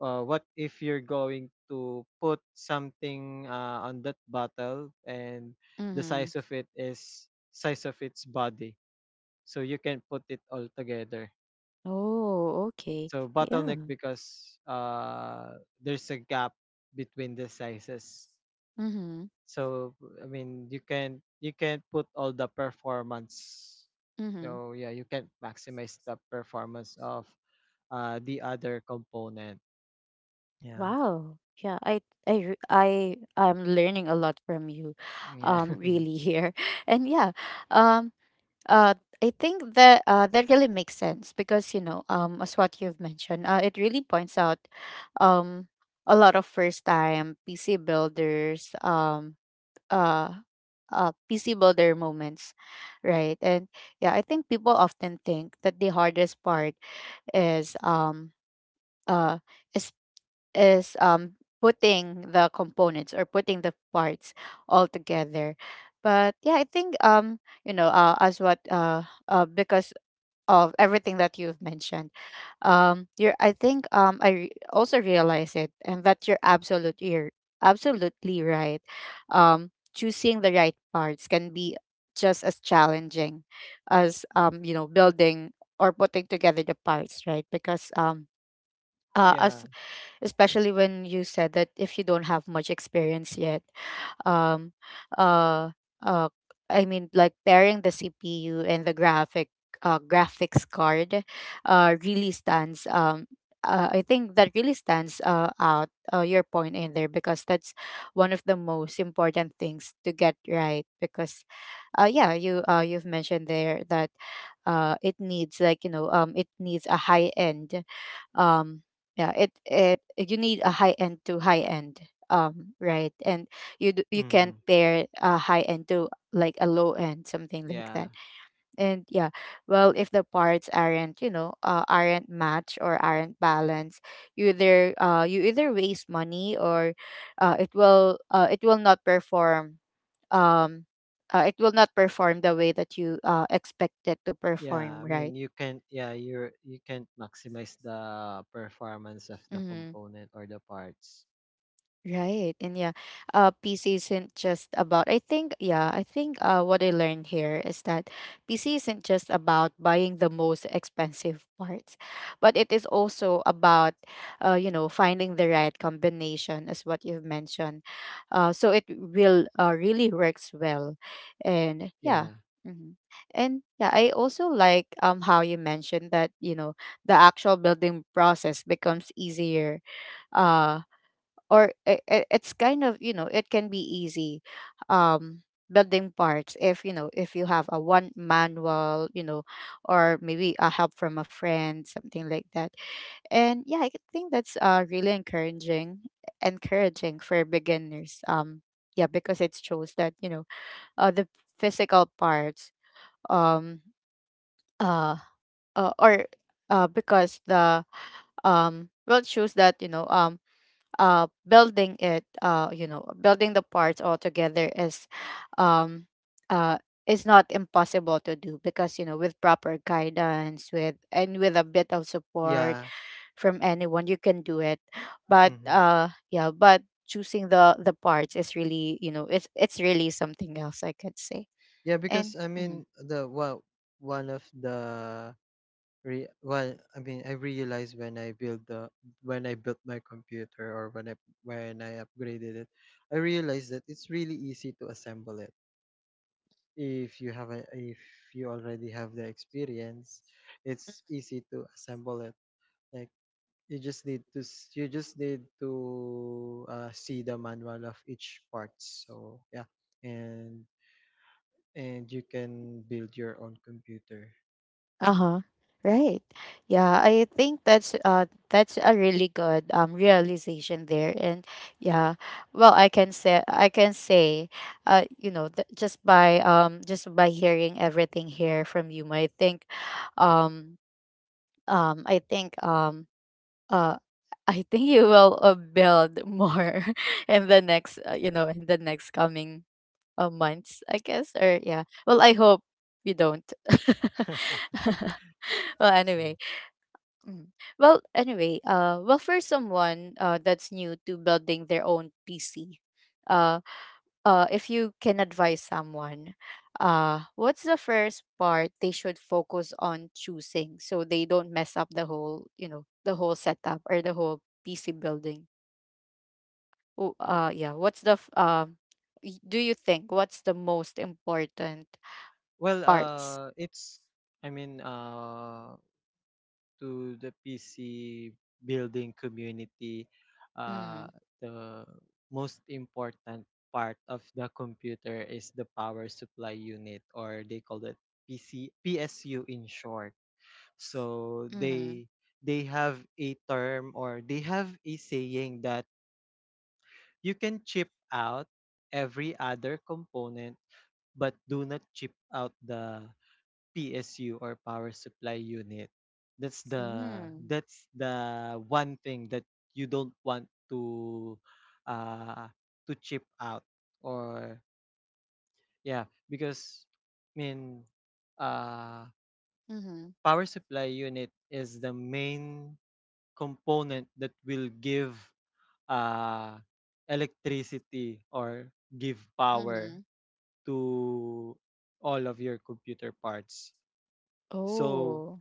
uh, what if you're going to put something uh, on that bottle, and the Mhm. size of it is size of its body, so you can put it all together. Oh, okay. So bottleneck Yeah. because uh, there's a gap between the sizes. Mhm. So I mean you can you can put all the performance. Mhm. So yeah, you can maximize the performance of uh, the other component. Yeah, Wow. Yeah, I I re- I I'm learning a lot from you yeah, um really here. And yeah. Um Uh, I think that uh, that really makes sense because, you know, um, as what you've mentioned, uh, it really points out um, a lot of first-time P C builders, um, uh, uh, P C builder moments, right? And yeah, I think people often think that the hardest part is um, uh, is is um, putting the components or putting the parts all together. But yeah, I think, um, you know, uh, as what uh, uh, because of everything that you've mentioned, um you're I think um i re- also realize it, and that you're absolutely you're absolutely right. Um choosing the right parts can be just as challenging as, um you know, building or putting together the parts, right? Because um uh, as yeah, especially when you said that if you don't have much experience yet. um uh uh I mean, like pairing the cpu and the graphic uh, graphics card uh really stands um uh, I think that really stands uh, out uh, your point in there, because that's one of the most important things to get right. Because, uh, yeah, you uh, you've mentioned there that, uh, it needs, like, you know, um, it needs a high end. Um yeah it it You need a high end to high end, um right? And you d- you can hmm, pair a high end to like a low end, something like yeah, that. And yeah, well, if the parts aren't, you know, uh, aren't matched or aren't balanced, you either uh you either waste money, or uh it will uh it will not perform, um uh, it will not perform the way that you uh expect it to yeah. perform, I right? mean you can, yeah, you're you are you can maximize the performance of the Mm-hmm. component or the parts. Right. And yeah, uh, P C isn't just about, I think, yeah, I think uh, what I learned here is that P C isn't just about buying the most expensive parts, but it is also about, uh, you know, finding the right combination, as what you've mentioned. Uh, so it will uh, really works well. And yeah. Yeah, Mhm. And yeah, I also like um how you mentioned that, you know, the actual building process becomes easier. uh or it, it's kind of, you know, it can be easy, um building parts, if you know, if you have a one manual, you know, or maybe a help from a friend, something like that. And yeah, I think that's uh really encouraging encouraging for beginners. Um yeah, because it shows that, you know, uh the physical parts, um uh, uh or uh because the um well, it shows that, you know, um uh building it, uh you know, building the parts all together is, um uh is not impossible to do, because you know, with proper guidance, with and with a bit of support yeah. from anyone, you can do it. But Mhm. uh yeah, but choosing the the parts is really, you know, it's it's really something else, I could say. Yeah, because and I mhm. mean, the well, one of the re well, I mean I realized when I built the when I built my computer, or when I when I upgraded it, I realized that it's really easy to assemble it. If you have a if you already have the experience, it's easy to assemble it. Like, you just need to s- you just need to uh, see the manual of each part. So yeah, and and you can build your own computer. Uh-huh. Right. Yeah, I think that's uh that's a really good um realization there. And yeah, well, I can say I can say, uh you know, th- just by um just by hearing everything here from you, I think, um um I think, um uh I think you will uh, build more in the next uh, you know, in the next coming uh, months, I guess. Or yeah. Well, I hope you don't. Yeah. Well, anyway. Mm. Well, anyway. Uh, well, for someone uh, that's new to building their own P C, uh, uh, if you can advise someone, uh, what's the first part they should focus on choosing, so they don't mess up the whole, you know, the whole setup or the whole P C building? Oh, uh, yeah. What's the f- um? Y- do you think what's the most important Well, parts? uh, it's, I mean, uh, to the P C building community, uh, Mhm, the most important part of the computer is the power supply unit, or they call it P C, P S U in short. So mhm, they they have a term, or they have a saying, that you can chip out every other component, but do not chip out the P S U or power supply unit. That's the, mm, that's the one thing that you don't want to uh to chip out. Or yeah, because I mean uh mhm, power supply unit is the main component that will give uh electricity or give power mhm. to all of your computer parts. So Oh.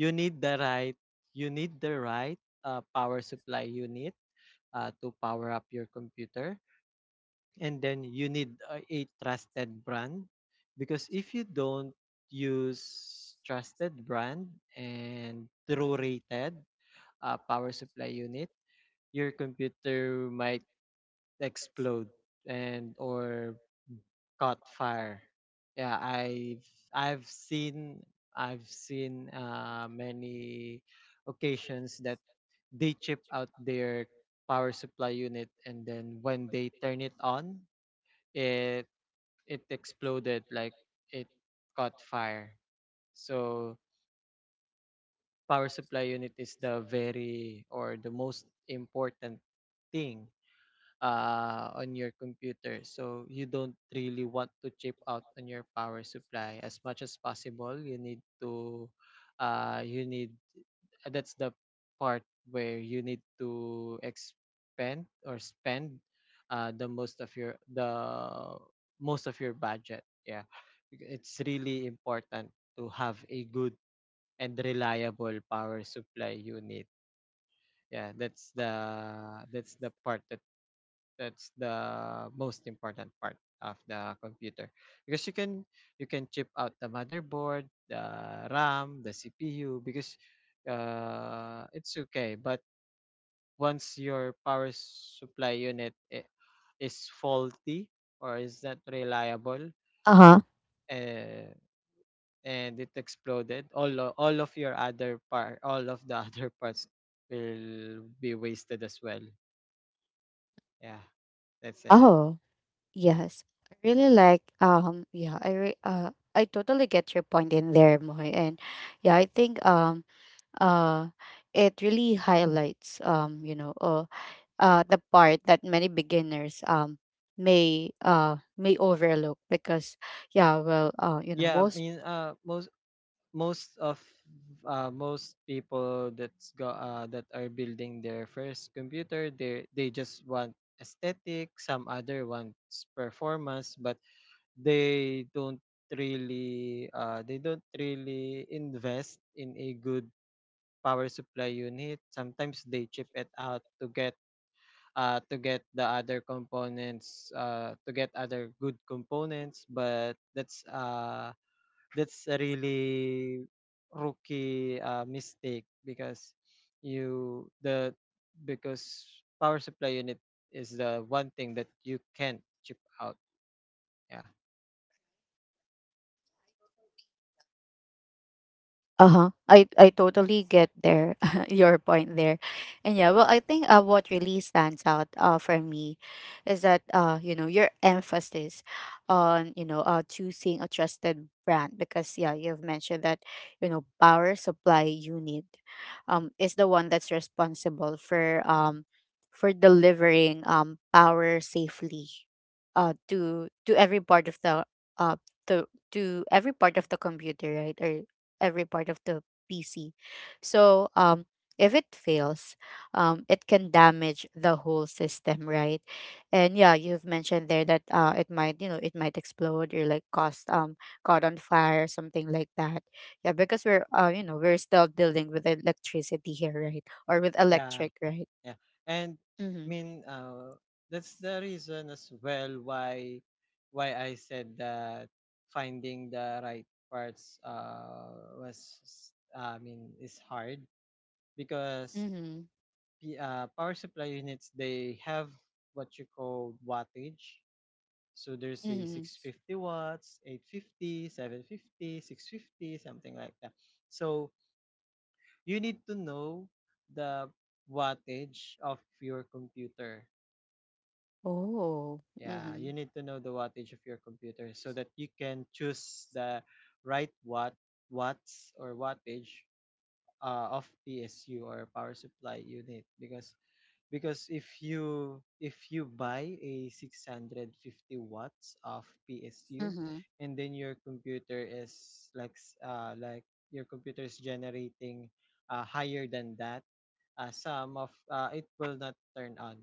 you need the right, you need the right uh, power supply unit uh, to power up your computer, and then you need a, a trusted brand, because if you don't use trusted brand and true rated uh, power supply unit, your computer might explode and or caught fire. Yeah, I've I've seen I've seen uh, many occasions that they chip out their power supply unit, and then when they turn it on, it it exploded, like it caught fire. So power supply unit is the very or the most important thing uh, on your computer, so you don't really want to chip out on your power supply as much as possible. You need to uh, you need that's the part where you need to expend or spend uh, the most of your, the most of your budget. Yeah, it's really important to have a good and reliable power supply unit. Yeah, that's the, that's the part that that's the most important part of the computer, because you can you can chip out the motherboard, the ram, the cpu, because uh, it's okay. But once your power supply unit i- is faulty or is not reliable, Uh-huh. uh, and it exploded, all o- all of your other part, all of the other parts will be wasted as well. Yeah, that's it. Oh, yes. I really like, um yeah, I re- uh I totally get your point in there, Moy. And yeah, I think, um uh it really highlights, um, you know, uh, uh the part that many beginners um may uh may overlook, because yeah, well, uh you know, Yeah, i most. mean uh most most of uh, most people that's go uh that are building their first computer, they they just want aesthetic, some other wants performance. But they don't really, uh, they don't really invest in a good power supply unit. Sometimes they chip it out to get uh to get the other components, uh to get other good components. But that's uh, that's a really rookie uh, mistake, because you the because power supply unit is the one thing that you can't chip out. Yeah, Uh-huh. I I totally get there your point there. And yeah, well, I think uh what really stands out uh for me is that, uh you know, your emphasis on, you know, uh choosing a trusted brand, because yeah, you've mentioned that, you know, power supply unit um is the one that's responsible for, um for delivering um power safely uh to to every part of the, uh to to every part of the computer, right? Or every part of the P C. So, um, if it fails, um, it can damage the whole system, right? And yeah, you've mentioned there that, uh, it might, you know, it might explode, or like cause um caught on fire, or something like that. Yeah, because we're, uh, you know, we're still dealing with electricity here, right? Or with yeah. electric, right? Yeah. And I Mm-hmm. mean, uh, that's the reason as well why why I said that finding the right parts uh, was I mean is hard, because Mm-hmm. p- uh, power supply units they have what you call wattage. So there's a Mm-hmm. six fifty watts, eight fifty, seven fifty, six fifty, something like that. So you need to know the wattage of your computer. Oh. Yeah, you Mm-hmm. need to know the wattage of your computer, so that you can choose the right watt watts or wattage uh, of P S U or power supply unit, because because if you if you buy a six fifty watts of P S U, and then your computer is like s- uh, like your computer is generating uh, higher than that, uh, some of uh, it will not turn on.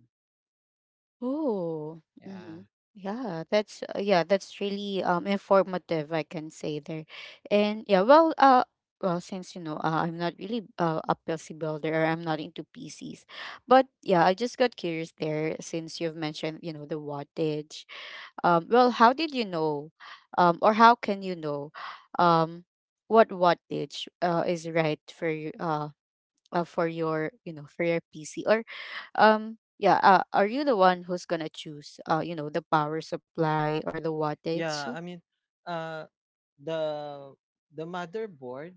Oh, Yeah. hmm. Yeah, that's uh, yeah, that's really um informative, I can say there. And yeah, well, uh, well, since, you know, uh, I'm not really uh, a P C builder, or I'm not into P Cs, but yeah, I just got curious there, since you've mentioned, you know, the wattage. Um, well, how did you know, um, or how can you know, um, what wattage uh is right for you? Uh, uh, for your, you know, for your pc? Or um yeah, uh, are you the one who's gonna choose, uh you know, the power supply or the wattage? Yeah, I mean, uh, the the motherboard.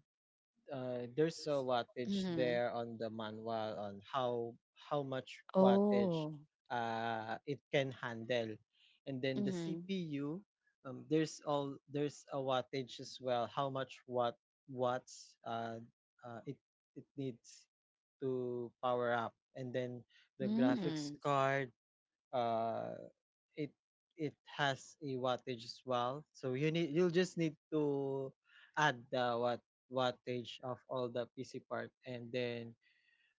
Uh, there's a wattage Mm-hmm. there on the manual, on how how much Oh. wattage uh, it can handle, and then the Mm-hmm. C P U. Um, there's all, there's a wattage as well. How much watt watts uh, uh, it it needs to power up, and then the Mm-hmm. graphics card uh, it it has a wattage as well. So you need, you'll just need to add the what wattage of all the P C part, and then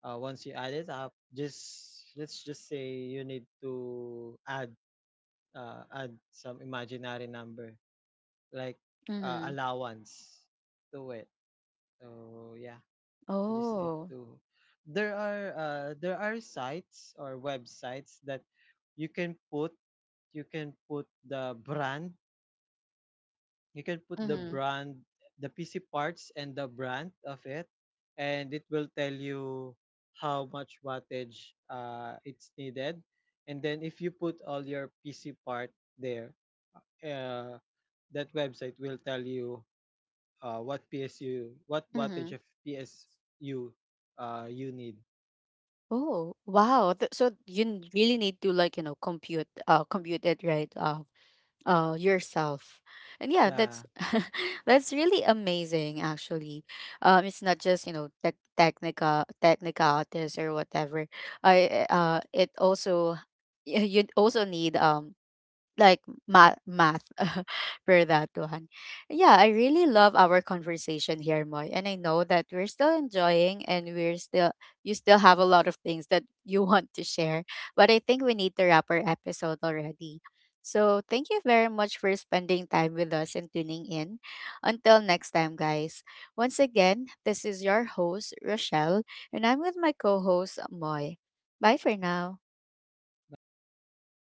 uh, once you add it up, just, let's just say, you need to add uh, add some imaginary number, like uh, Mm-hmm. allowance to it. So yeah, you just need Oh. to. There are uh, there are sites or websites that you can put, you can put the brand you can put the Mm-hmm. brand, the pc parts and the brand of it, and it will tell you how much wattage uh, it's needed. And then if you put all your pc part there, uh, that website will tell you uh, what psu, what Mm-hmm. wattage of psu uh, you need. Oh, wow. Th- so you n- really need to, like, you know, compute uh compute it, right? Uh uh yourself. And yeah, that's Yeah. that's really amazing, actually. Um it's not just, you know, tech technica technicalities or whatever. I uh It also y- you also need, um like math math for that one. Yeah, I really love our conversation here, Moy. And I know that we're still enjoying, and we're still you still have a lot of things that you want to share. But I think we need to wrap our episode already. So thank you very much for spending time with us and tuning in. Until next time, guys. Once again, this is your host, Rochelle, and I'm with my co-host, Moy. Bye for now. Bye guys.